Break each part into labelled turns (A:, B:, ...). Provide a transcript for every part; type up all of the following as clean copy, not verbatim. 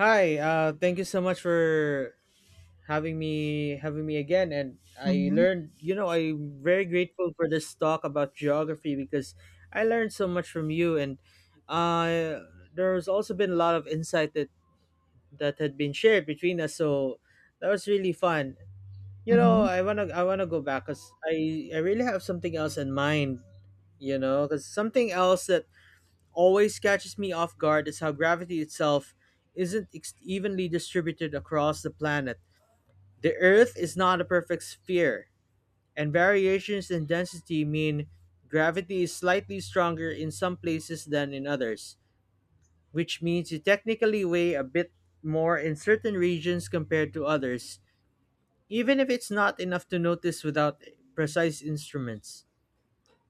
A: Hi, thank you so much for having me again. And I
B: Mhm,
A: learned, you know, I'm very grateful for this talk about geography because I learned so much from you. And there's also been a lot of insight that had been shared between us. So that was really fun. You know,
B: mhm.
A: I wanna go back because I really have something else in mind. You know, because something else that always catches me off guard is how gravity itself isn't ex- evenly distributed across the planet. The Earth is not a perfect sphere, and variations in density mean gravity is slightly stronger in some places than in others, which means you technically weigh a bit more in certain regions compared to others, even if it's not enough to notice without precise instruments.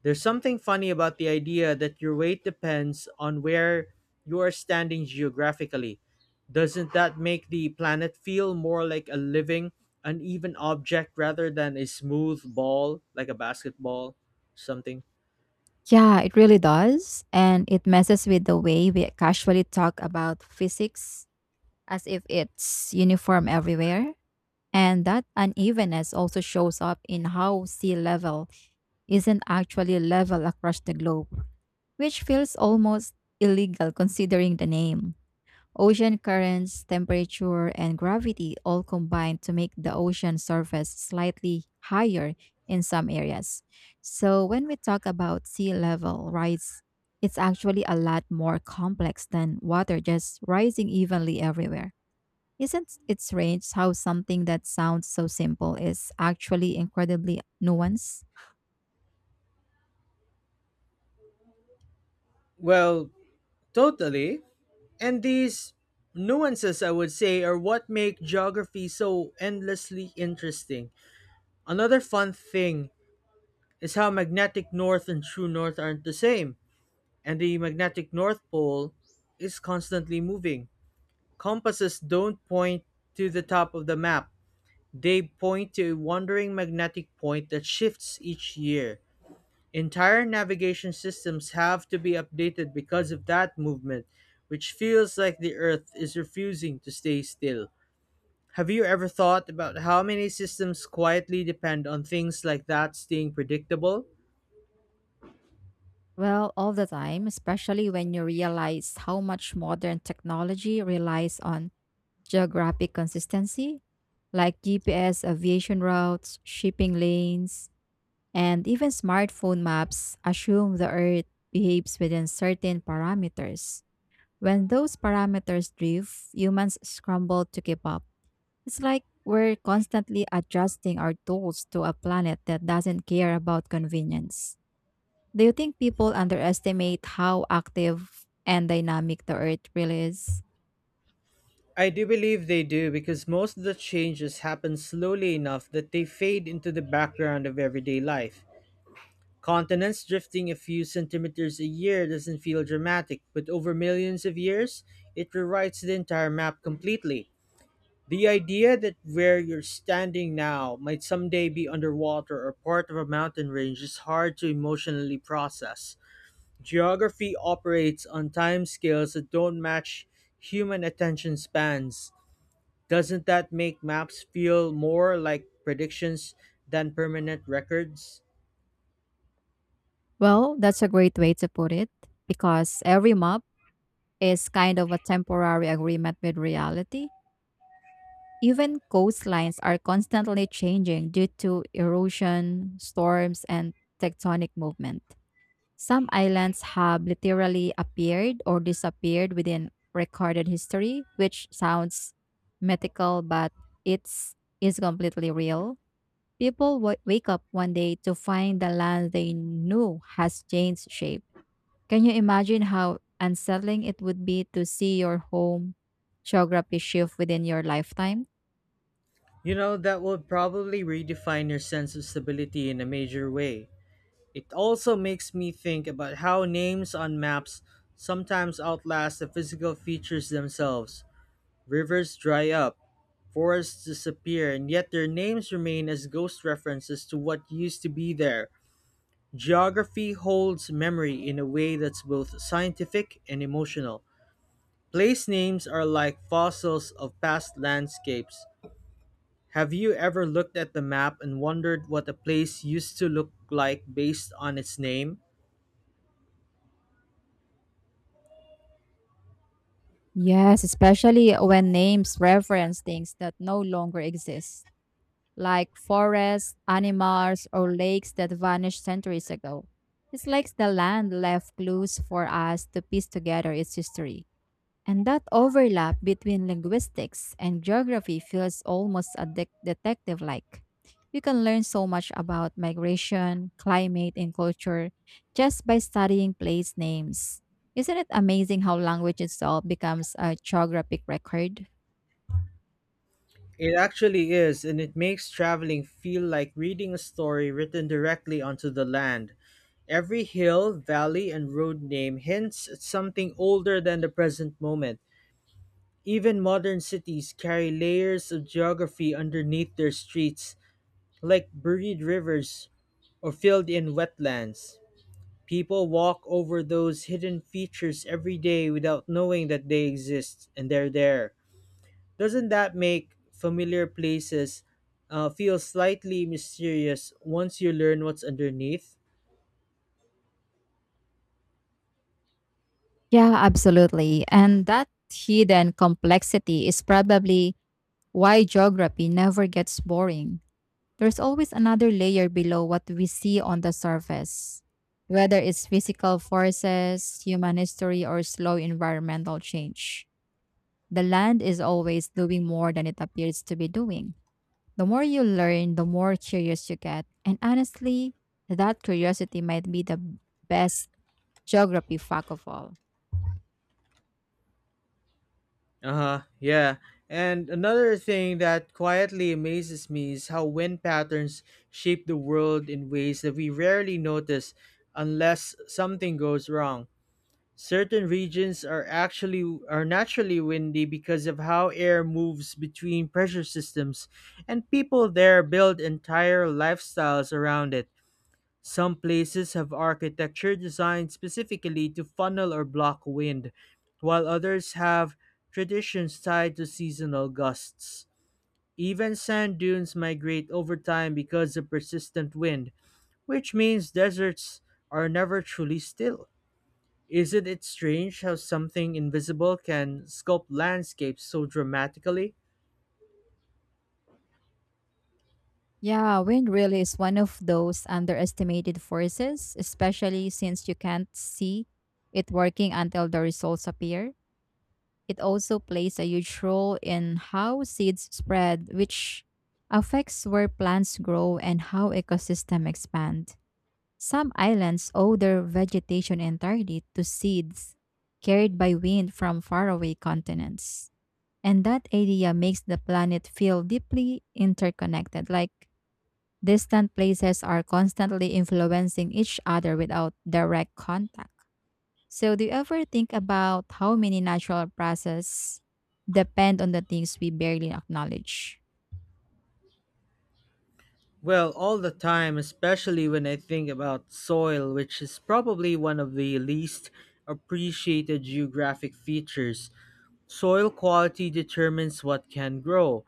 A: There's something funny about the idea that your weight depends on where you are standing geographically. Doesn't that make the planet feel more like a living, uneven object rather than a smooth ball, like a basketball, something?
B: Yeah, it really does. And it messes with the way we casually talk about physics as if it's uniform everywhere. And that unevenness also shows up in how sea level isn't actually level across the globe, which feels almost illegal considering the name. Ocean currents, temperature, and gravity all combine to make the ocean surface slightly higher in some areas. So, when we talk about sea level rise, it's actually a lot more complex than water just rising evenly everywhere. Isn't it strange how something that sounds so simple is actually incredibly nuanced?
A: Well, totally. And these nuances, I would say, are what make geography so endlessly interesting. Another fun thing is how magnetic north and true north aren't the same. And the magnetic North Pole is constantly moving. Compasses don't point to the top of the map, they point to a wandering magnetic point that shifts each year. Entire navigation systems have to be updated because of that movement, which feels like the Earth is refusing to stay still. Have you ever thought about how many systems quietly depend on things like that staying predictable?
B: Well, all the time, especially when you realize how much modern technology relies on geographic consistency, like GPS aviation routes, shipping lanes, and even smartphone maps assume the Earth behaves within certain parameters. When those parameters drift, humans scramble to keep up. It's like we're constantly adjusting our tools to a planet that doesn't care about convenience. Do you think people underestimate how active and dynamic the Earth really is?
A: I do believe they do because most of the changes happen slowly enough that they fade into the background of everyday life. Continents drifting a few centimeters a year doesn't feel dramatic, but over millions of years, it rewrites the entire map completely. The idea that where you're standing now might someday be underwater or part of a mountain range is hard to emotionally process. Geography operates on timescales that don't match human attention spans. Doesn't that make maps feel more like predictions than permanent records?
B: Well, that's a great way to put it because every map is kind of a temporary agreement with reality. Even coastlines are constantly changing due to erosion, storms, and tectonic movement. Some islands have literally appeared or disappeared within recorded history, which sounds mythical, but it's is completely real. People wake up one day to find the land they knew has changed shape. Can you imagine how unsettling it would be to see your home geography shift within your lifetime?
A: You know, that would probably redefine your sense of stability in a major way. It also makes me think about how names on maps sometimes outlast the physical features themselves. Rivers dry up, forests disappear, and yet their names remain as ghost references to what used to be there. Geography holds memory in a way that's both scientific and emotional. Place names are like fossils of past landscapes. Have you ever looked at the map and wondered what a place used to look like based on its name?
B: Yes, especially when names reference things that no longer exist, like forests, animals, or lakes that vanished centuries ago. It's like the land left clues for us to piece together its history. And that overlap between linguistics and geography feels almost a detective like. You can learn so much about migration, climate, and culture just by studying place names. Isn't it amazing how language itself becomes a geographic record?
A: It actually is, and it makes traveling feel like reading a story written directly onto the land. Every hill, valley, and road name hints at something older than the present moment. Even modern cities carry layers of geography underneath their streets, like buried rivers or filled in wetlands. People walk over those hidden features every day without knowing that they exist and they're there. Doesn't that make familiar places feel slightly mysterious once you learn what's underneath?
B: Yeah, absolutely. And that hidden complexity is probably why geography never gets boring. There's always another layer below what we see on the surface, whether it's physical forces, human history, or slow environmental change. The land is always doing more than it appears to be doing. The more you learn, the more curious you get. And honestly, that curiosity might be the best geography fact of all.
A: Uh huh, yeah. And another thing that quietly amazes me is how wind patterns shape the world in ways that we rarely notice unless something goes wrong. Certain regions are actually are naturally windy because of how air moves between pressure systems, and people there build entire lifestyles around it. Some places have architecture designed specifically to funnel or block wind, while others have traditions tied to seasonal gusts. Even sand dunes migrate over time because of persistent wind, which means deserts are never truly still. Isn't it strange how something invisible can sculpt landscapes so dramatically?
B: Yeah, wind really is one of those underestimated forces, especially since you can't see it working until the results appear. It also plays a huge role in how seeds spread, which affects where plants grow and how ecosystems expand. Some islands owe their vegetation entirely to seeds carried by wind from faraway continents. And that idea makes the planet feel deeply interconnected, like distant places are constantly influencing each other without direct contact. So, do you ever think about how many natural processes depend on the things we barely acknowledge?
A: Well, all the time, especially when I think about soil, which is probably one of the least appreciated geographic features. Soil quality determines what can grow,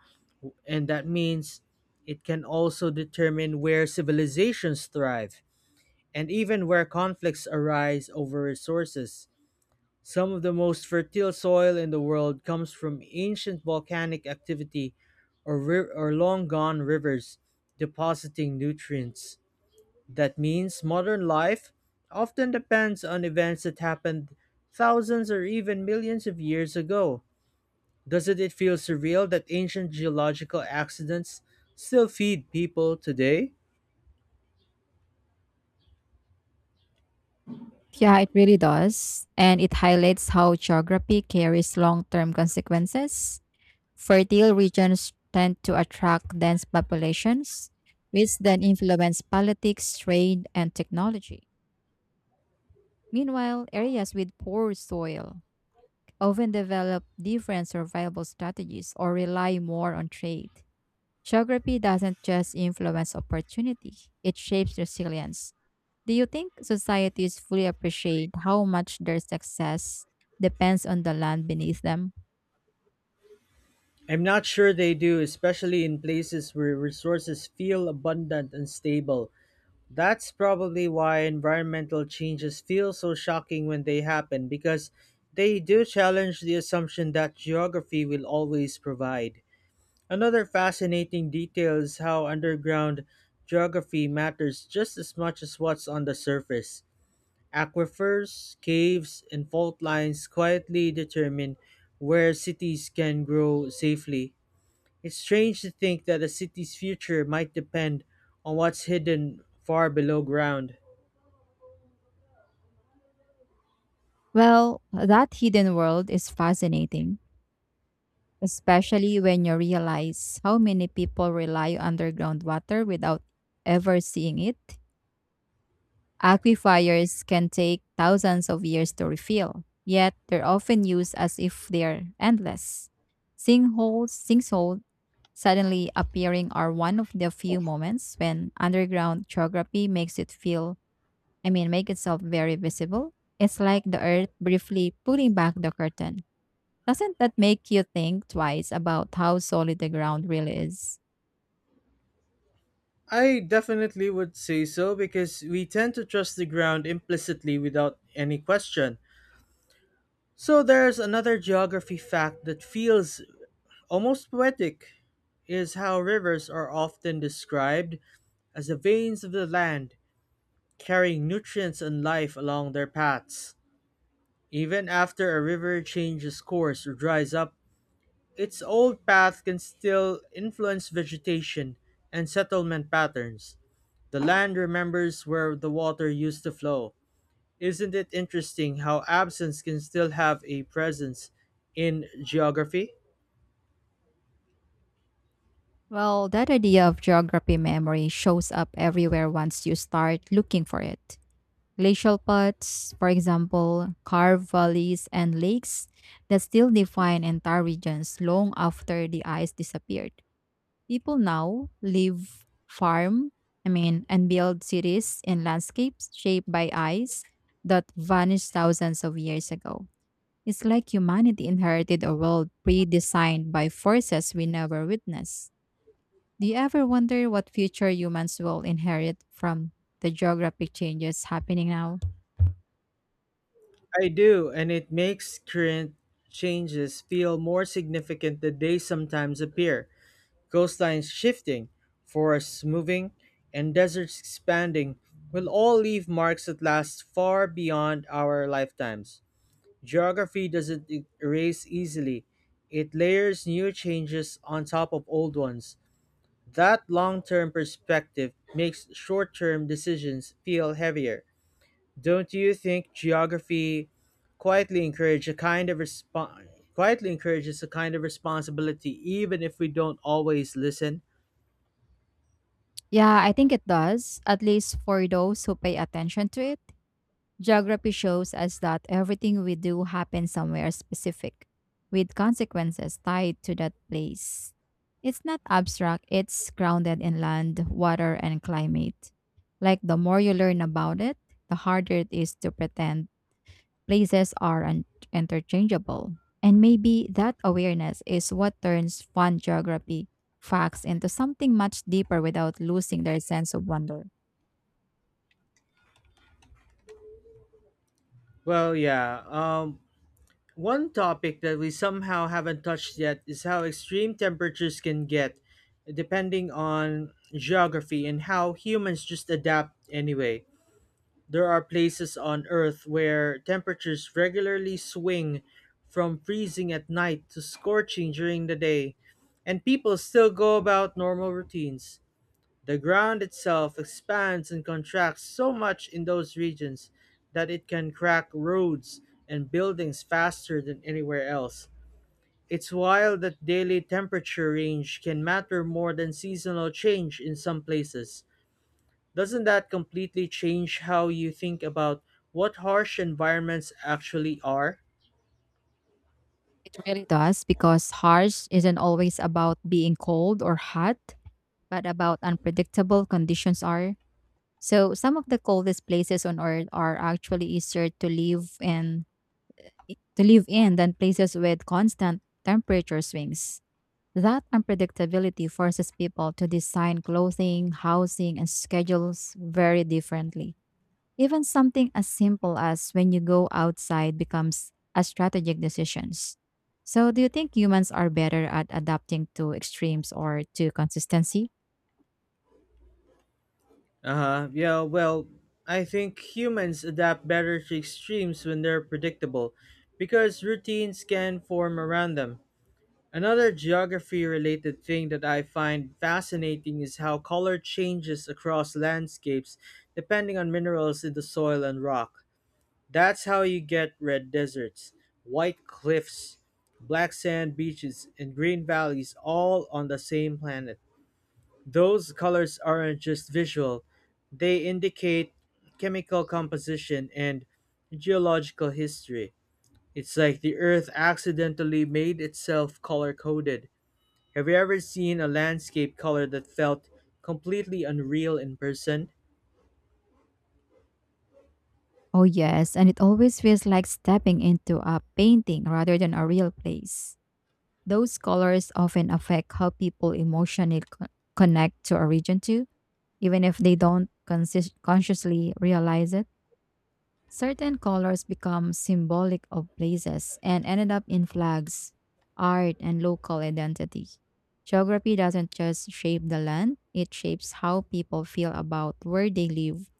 A: and that means it can also determine where civilizations thrive and even where conflicts arise over resources. Some of the most fertile soil in the world comes from ancient volcanic activity or long gone rivers depositing nutrients. That means modern life often depends on events that happened thousands or even millions of years ago. Doesn't it feel surreal that ancient geological accidents still feed people today?
B: Yeah, it really does. And it highlights how geography carries long term consequences. Fertile regions tend to attract dense populations, which then influence politics, trade, and technology. Meanwhile, areas with poor soil often develop different survival strategies or rely more on trade. Geography doesn't just influence opportunity, it shapes resilience. Do you think societies fully appreciate how much their success depends on the land beneath them?
A: I'm not sure they do, especially in places where resources feel abundant and stable. That's probably why environmental changes feel so shocking when they happen because they do challenge the assumption that geography will always provide. Another fascinating detail is how underground geography matters just as much as what's on the surface. Aquifers, caves, and fault lines quietly determine where cities can grow safely. It's strange to think that a city's future might depend on what's hidden far below ground.
B: Well, that hidden world is fascinating, especially when you realize how many people rely on underground water without ever seeing it. Aquifers can take thousands of years to refill, yet they're often used as if they're endless. Sinkholes suddenly appearing are one of the few moments when underground geography makes it feel, I mean, make itself very visible. It's like the earth briefly pulling back the curtain. Doesn't that make you think twice about how solid the ground really is?
A: I definitely would say so because we tend to trust the ground implicitly without any question. So there's another geography fact that feels almost poetic is how rivers are often described as the veins of the land carrying nutrients and life along their paths. Even after a river changes course or dries up, its old path can still influence vegetation and settlement patterns. The land remembers where the water used to flow. Isn't it interesting how absence can still have a presence in geography?
B: Well, that idea of geography memory shows up everywhere once you start looking for it. Glacial paths, for example, carve valleys and lakes that still define entire regions long after the ice disappeared. People now live, farm, I mean, and build cities in landscapes shaped by ice that vanished thousands of years ago. It's like humanity inherited a world pre designed by forces we never witnessed. Do you ever wonder what future humans will inherit from the geographic changes happening now?
A: I do, and it makes current changes feel more significant than they sometimes appear. Coastlines shifting, forests moving, and deserts expanding will all leave marks that last far beyond our lifetimes. Geography doesn't e- erase easily, it layers new changes on top of old ones. That long term perspective makes short term decisions feel heavier. Don't you think geography quietly encourage a kind of respo- quietly encourages a kind of responsibility even if we don't always listen?
B: Yeah, I think it does, at least for those who pay attention to it. Geography shows us that everything we do happens somewhere specific, with consequences tied to that place. It's not abstract, it's grounded in land, water, and climate. Like the more you learn about it, the harder it is to pretend places are interchangeable. And maybe that awareness is what turns fun geography facts into something much deeper without losing their sense of wonder.
A: Well, yeah. One topic that we somehow haven't touched yet is how extreme temperatures can get, depending on geography and how humans just adapt anyway. There are places on Earth where temperatures regularly swing from freezing at night to scorching during the day, and people still go about normal routines. The ground itself expands and contracts so much in those regions that it can crack roads and buildings faster than anywhere else. It's wild that daily temperature range can matter more than seasonal change in some places. Doesn't that completely change how you think about what harsh environments actually are?
B: It really does because harsh isn't always about being cold or hot, but about unpredictable conditions are. So some of the coldest places on earth are actually easier to live in than places with constant temperature swings. That unpredictability forces people to design clothing, housing, and schedules very differently. Even something as simple as when you go outside becomes a strategic decisions. So do you think humans are better at adapting to extremes or to consistency?
A: Uh huh. Yeah, well, I think humans adapt better to extremes when they're predictable because routines can form around them. Another geography related thing that I find fascinating is how color changes across landscapes depending on minerals in the soil and rock. That's how you get red deserts, white cliffs, black sand beaches, and green valleys all on the same planet. Those colors aren't just visual, they indicate chemical composition and geological history. It's like the earth accidentally made itself color coded. Have you ever seen a landscape color that felt completely unreal in person?
B: Oh yes, and it always feels like stepping into a painting rather than a real place. Those colors often affect how people emotionally connect to a region too. Even if they don't consciously realize it, certain colors become symbolic of places and ended up in flags, art, and local identity. Geography doesn't just shape the land, it shapes how people feel about where they live.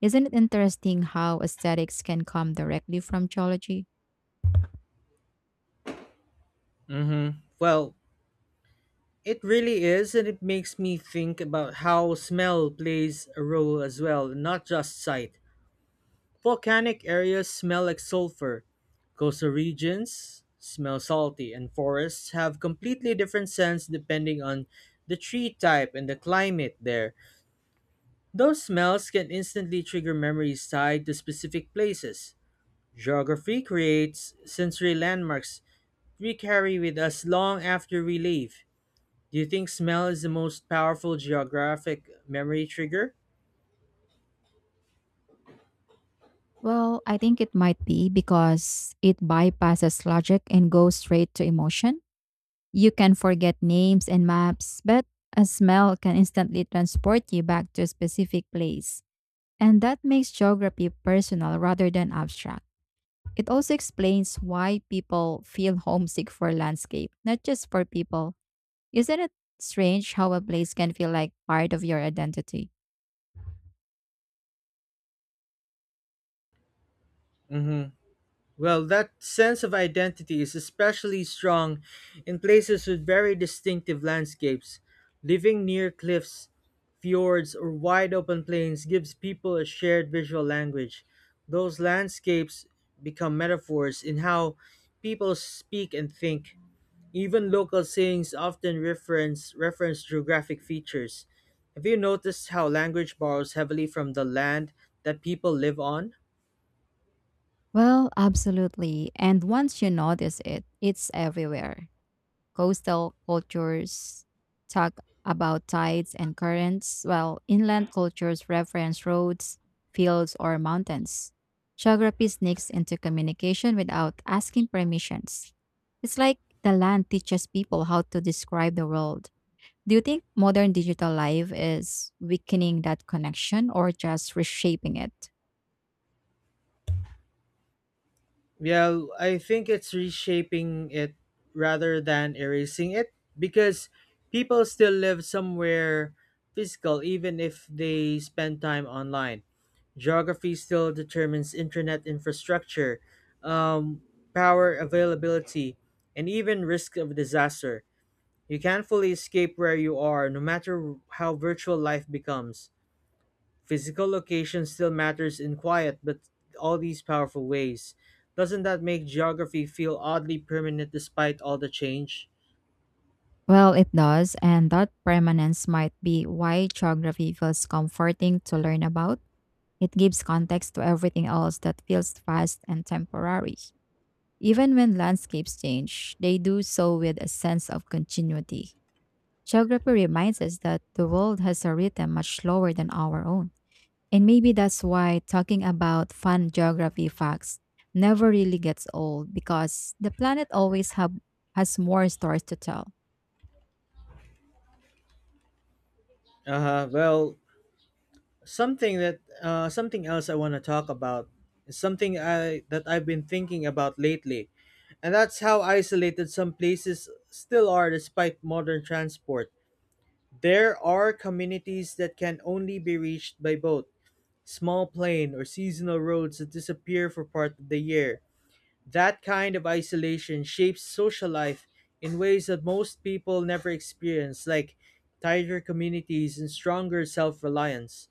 B: Isn't it interesting how aesthetics can come directly from geology?
A: Mm-hmm. Well, it really is, and it makes me think about how smell plays a role as well, not just sight. Volcanic areas smell like sulfur, coastal regions smell salty, and forests have completely different scents depending on the tree type and the climate there. Those smells can instantly trigger memories tied to specific places. Geography creates sensory landmarks we carry with us long after we leave. Do you think smell is the most powerful geographic memory trigger?
B: Well, I think it might be because it bypasses logic and goes straight to emotion. You can forget names and maps, but a smell can instantly transport you back to a specific place. And that makes geography personal rather than abstract. It also explains why people feel homesick for landscape, not just for people. Isn't it strange how a place can feel like part of your identity?
A: Well, that sense of identity is especially strong in places with very distinctive landscapes. Living near cliffs, fjords, or wide open plains gives people a shared visual language. Those landscapes become metaphors in how people speak and think. Even local sayings often reference geographic features. Have you noticed how language borrows heavily from the land that people live on?
B: Well, absolutely. And once you notice it, it's everywhere. Coastal cultures talk about tides and currents, while inland cultures reference roads, fields, or mountains. Geography sneaks into communication without asking permissions. It's like the land teaches people how to describe the world. Do you think modern digital life is weakening that connection or just reshaping it?
A: Well, I think it's reshaping it rather than erasing it because people still live somewhere physical even if they spend time online. Geography still determines internet infrastructure, um, power availability, and even risk of disaster. You can't fully escape where you are, no matter how virtual life becomes. Physical location still matters in quiet, but all these powerful ways. Doesn't that make geography feel oddly permanent despite all the change?
B: Well, it does, and that permanence might be why geography feels comforting to learn about. It gives context to everything else that feels fast and temporary. Even when landscapes change, they do so with a sense of continuity. Geography reminds us that the world has a rhythm much slower than our own. And maybe that's why talking about fun geography facts never really gets old because the planet always has more stories to tell.
A: Uh, well, Something else I want to talk about is something I that I've been thinking about lately, and that's how isolated some places still are despite modern transport. There are communities that can only be reached by boat, small plain, or seasonal roads that disappear for part of the year. That kind of isolation shapes social life in ways that most people never experience, like tighter communities and stronger self reliance.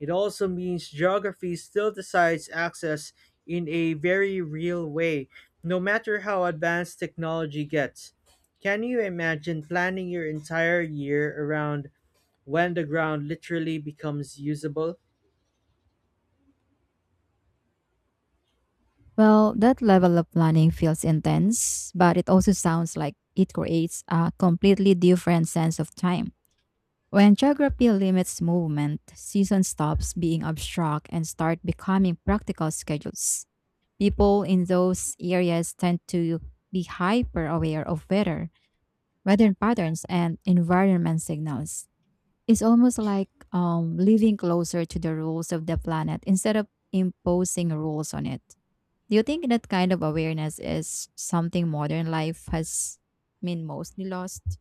A: It also means geography still decides access in a very real way, no matter how advanced technology gets. Can you imagine planning your entire year around when the ground literally becomes usable?
B: Well, that level of planning feels intense, but it also sounds like it creates a completely different sense of time. When geography limits movement, season stops being abstract and start becoming practical schedules. People in those areas tend to be hyper aware of weather, patterns, and environment signals. It's almost like living closer to the rules of the planet instead of imposing rules on it. Do you think that kind of awareness is something modern life has been mostly lost?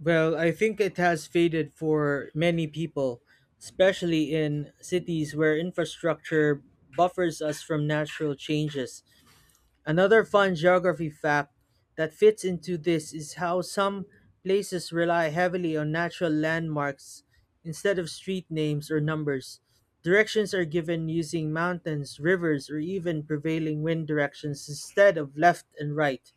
A: Well, I think it has faded for many people, especially in cities where infrastructure buffers us from natural changes. Another fun geography fact that fits into this is how some places rely heavily on natural landmarks instead of street names or numbers. Directions are given using mountains, rivers, or even prevailing wind directions instead of left and right.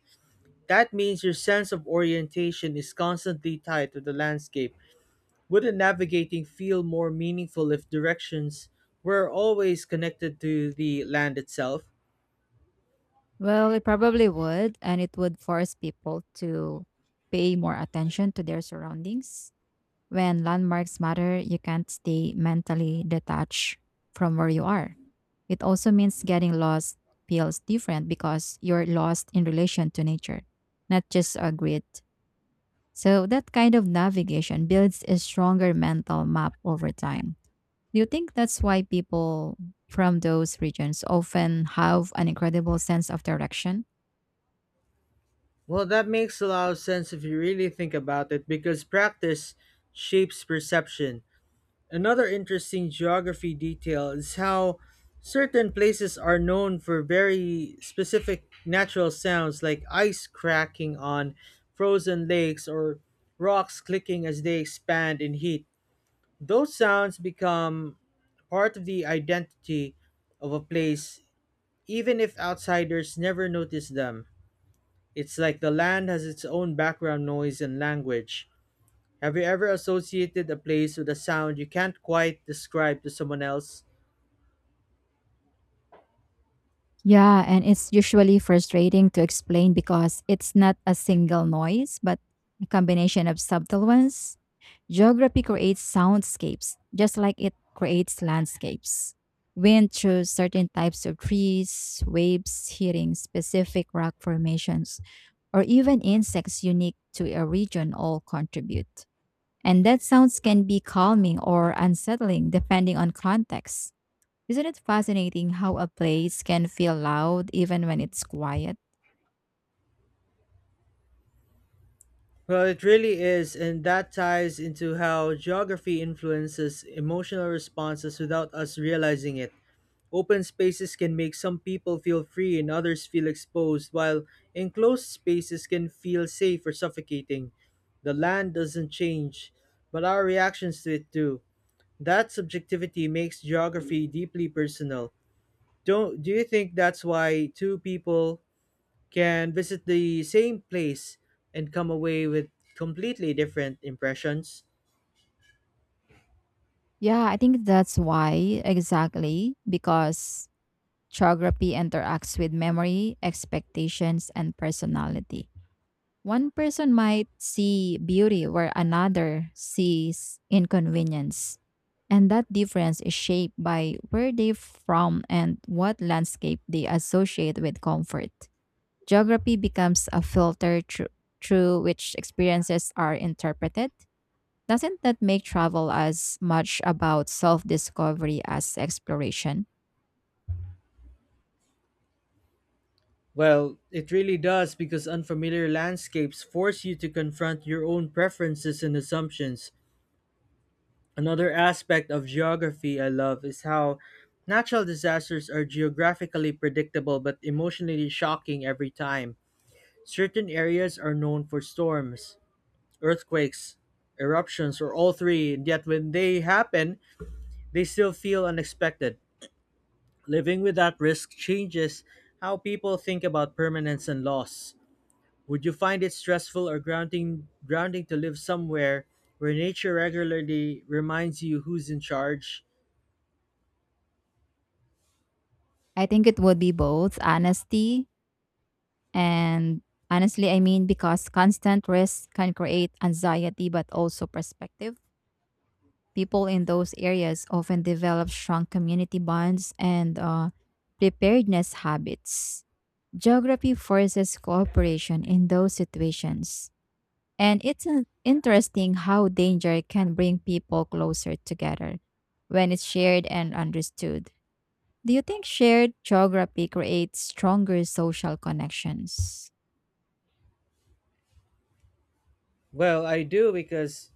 A: That means your sense of orientation is constantly tied to the landscape. Wouldn't navigating feel more meaningful if directions were always connected to the land itself?
B: Well, it probably would, and it would force people to pay more attention to their surroundings. When landmarks matter, you can't stay mentally detached from where you are. It also means getting lost feels different because you're lost in relation to nature, not just a grid. So, that kind of navigation builds a stronger mental map over time. Do you think that's why people from those regions often have an incredible sense of direction?
A: Well, that makes a lot of sense if you really think about it because practice shapes perception. Another interesting geography detail is how certain places are known for very specific natural sounds like ice cracking on frozen lakes or rocks clicking as they expand in heat. Those sounds become part of the identity of a place, even if outsiders never notice them. It's like the land has its own background noise and language. Have you ever associated a place with a sound you can't quite describe to someone else?
B: Yeah, and it's usually frustrating to explain because it's not a single noise, but a combination of subtle ones. Geography creates soundscapes, just like it creates landscapes. Wind through certain types of trees, waves hitting specific rock formations, or even insects unique to a region all contribute. And that sounds can be calming or unsettling depending on context. Isn't it fascinating how a place can feel loud even when it's quiet?
A: Well, it really is, and that ties into how geography influences emotional responses without us realizing it. Open spaces can make some people feel free and others feel exposed, while enclosed spaces can feel safe or suffocating. The land doesn't change, but our reactions to it do. That subjectivity makes geography deeply personal. Don't do you think that's why two people can visit the same place and come away with completely different impressions?
B: Yeah, I think that's why, exactly, because geography interacts with memory, expectations, and personality. One person might see beauty where another sees inconvenience. And that difference is shaped by where they're from and what landscape they associate with comfort. Geography becomes a filter through which experiences are interpreted. Doesn't that make travel as much about self discovery as exploration?
A: Well, it really does because unfamiliar landscapes force you to confront your own preferences and assumptions. Another aspect of geography I love is how natural disasters are geographically predictable but emotionally shocking every time. Certain areas are known for storms, earthquakes, eruptions, or all three, and yet when they happen, they still feel unexpected. Living with that risk changes how people think about permanence and loss. Would you find it stressful or grounding to live somewhere where nature regularly reminds you who's in charge?
B: I think it would be both honesty and honestly, I mean, because constant risk can create anxiety but also perspective. People in those areas often develop strong community bonds and preparedness habits. Geography forces cooperation in those situations. And it's interesting how danger can bring people closer together when it's shared and understood. Do you think shared geography creates stronger social connections?
A: Well, I do because,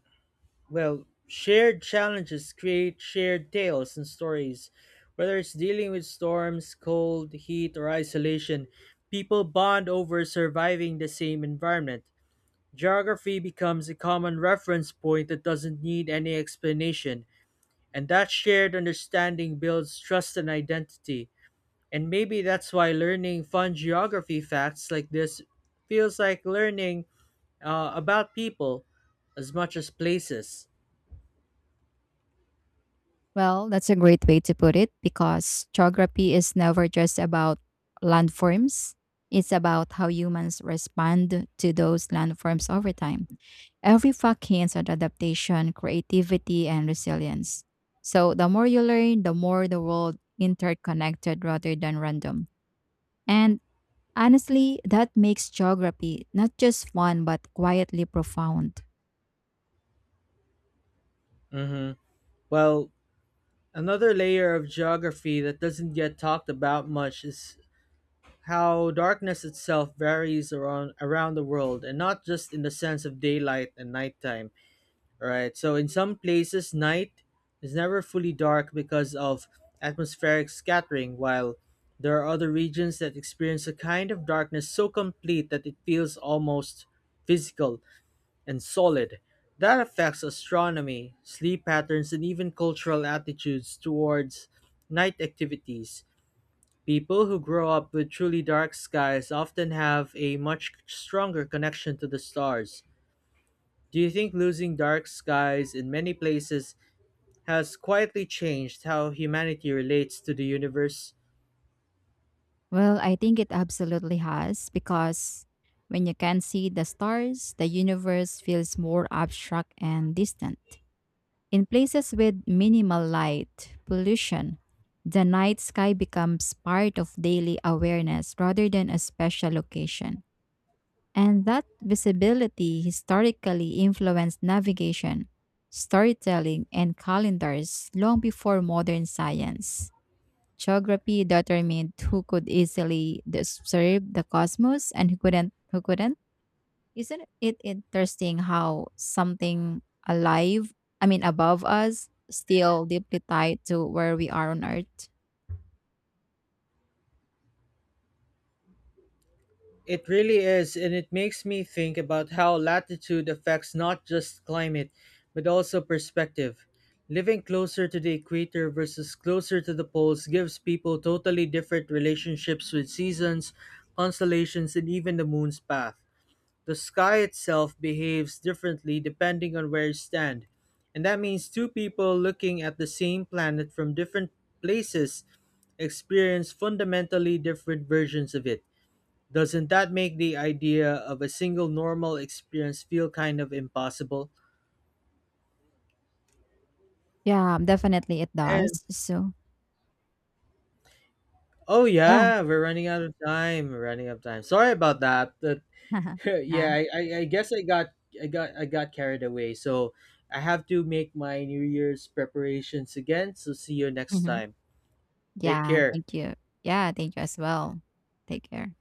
A: well, shared challenges create shared tales and stories. Whether it's dealing with storms, cold, heat, or isolation, people bond over surviving the same environment. Geography becomes a common reference point that doesn't need any explanation, and that shared understanding builds trust and identity. And maybe that's why learning fun geography facts like this feels like learning about people as much as places.
B: Well, that's a great way to put it because geography is never just about landforms. It's about how humans respond to those landforms over time. Every fact hints at adaptation, creativity, and resilience. So the more you learn, the more the world interconnected rather than random. And honestly, that makes geography not just fun but quietly profound.
A: Hmm. Well, another layer of geography that doesn't get talked about much is how darkness itself varies around the world, and not just in the sense of daylight and nighttime. Right. So in some places, night is never fully dark because of atmospheric scattering, while there are other regions that experience a kind of darkness so complete that it feels almost physical and solid. That affects astronomy, sleep patterns, and even cultural attitudes towards night activities. People who grow up with truly dark skies often have a much stronger connection to the stars. Do you think losing dark skies in many places has quietly changed how humanity relates to the universe?
B: Well, I think it absolutely has because when you can see the stars, the universe feels more abstract and distant. In places with minimal light pollution, the night sky becomes part of daily awareness rather than a special occasion. And that visibility historically influenced navigation, storytelling, and calendars long before modern science. Geography determined who could easily observe the cosmos and who couldn't. Isn't it interesting how something alive, I mean, above us, still deeply tied to where we are on Earth?
A: It really is, and it makes me think about how latitude affects not just climate, but also perspective. Living closer to the equator versus closer to the poles gives people totally different relationships with seasons, constellations, and even the moon's path. The sky itself behaves differently depending on where you stand, and that means two people looking at the same planet from different places experience fundamentally different versions of it. Doesn't that make the idea of a single normal experience feel kind of impossible?
B: Yeah, definitely it
A: And
B: does. So,
A: oh
B: yeah.
A: yeah, we're running out of time. We're running out of time. Sorry about that. That
B: Yeah.
A: yeah, I guess I got carried away. So I have to make my New Year's preparations again. So see you next
B: Hmm.
A: time. Take
B: Yeah,
A: care.
B: thank you. Yeah, thank you as well. Take care.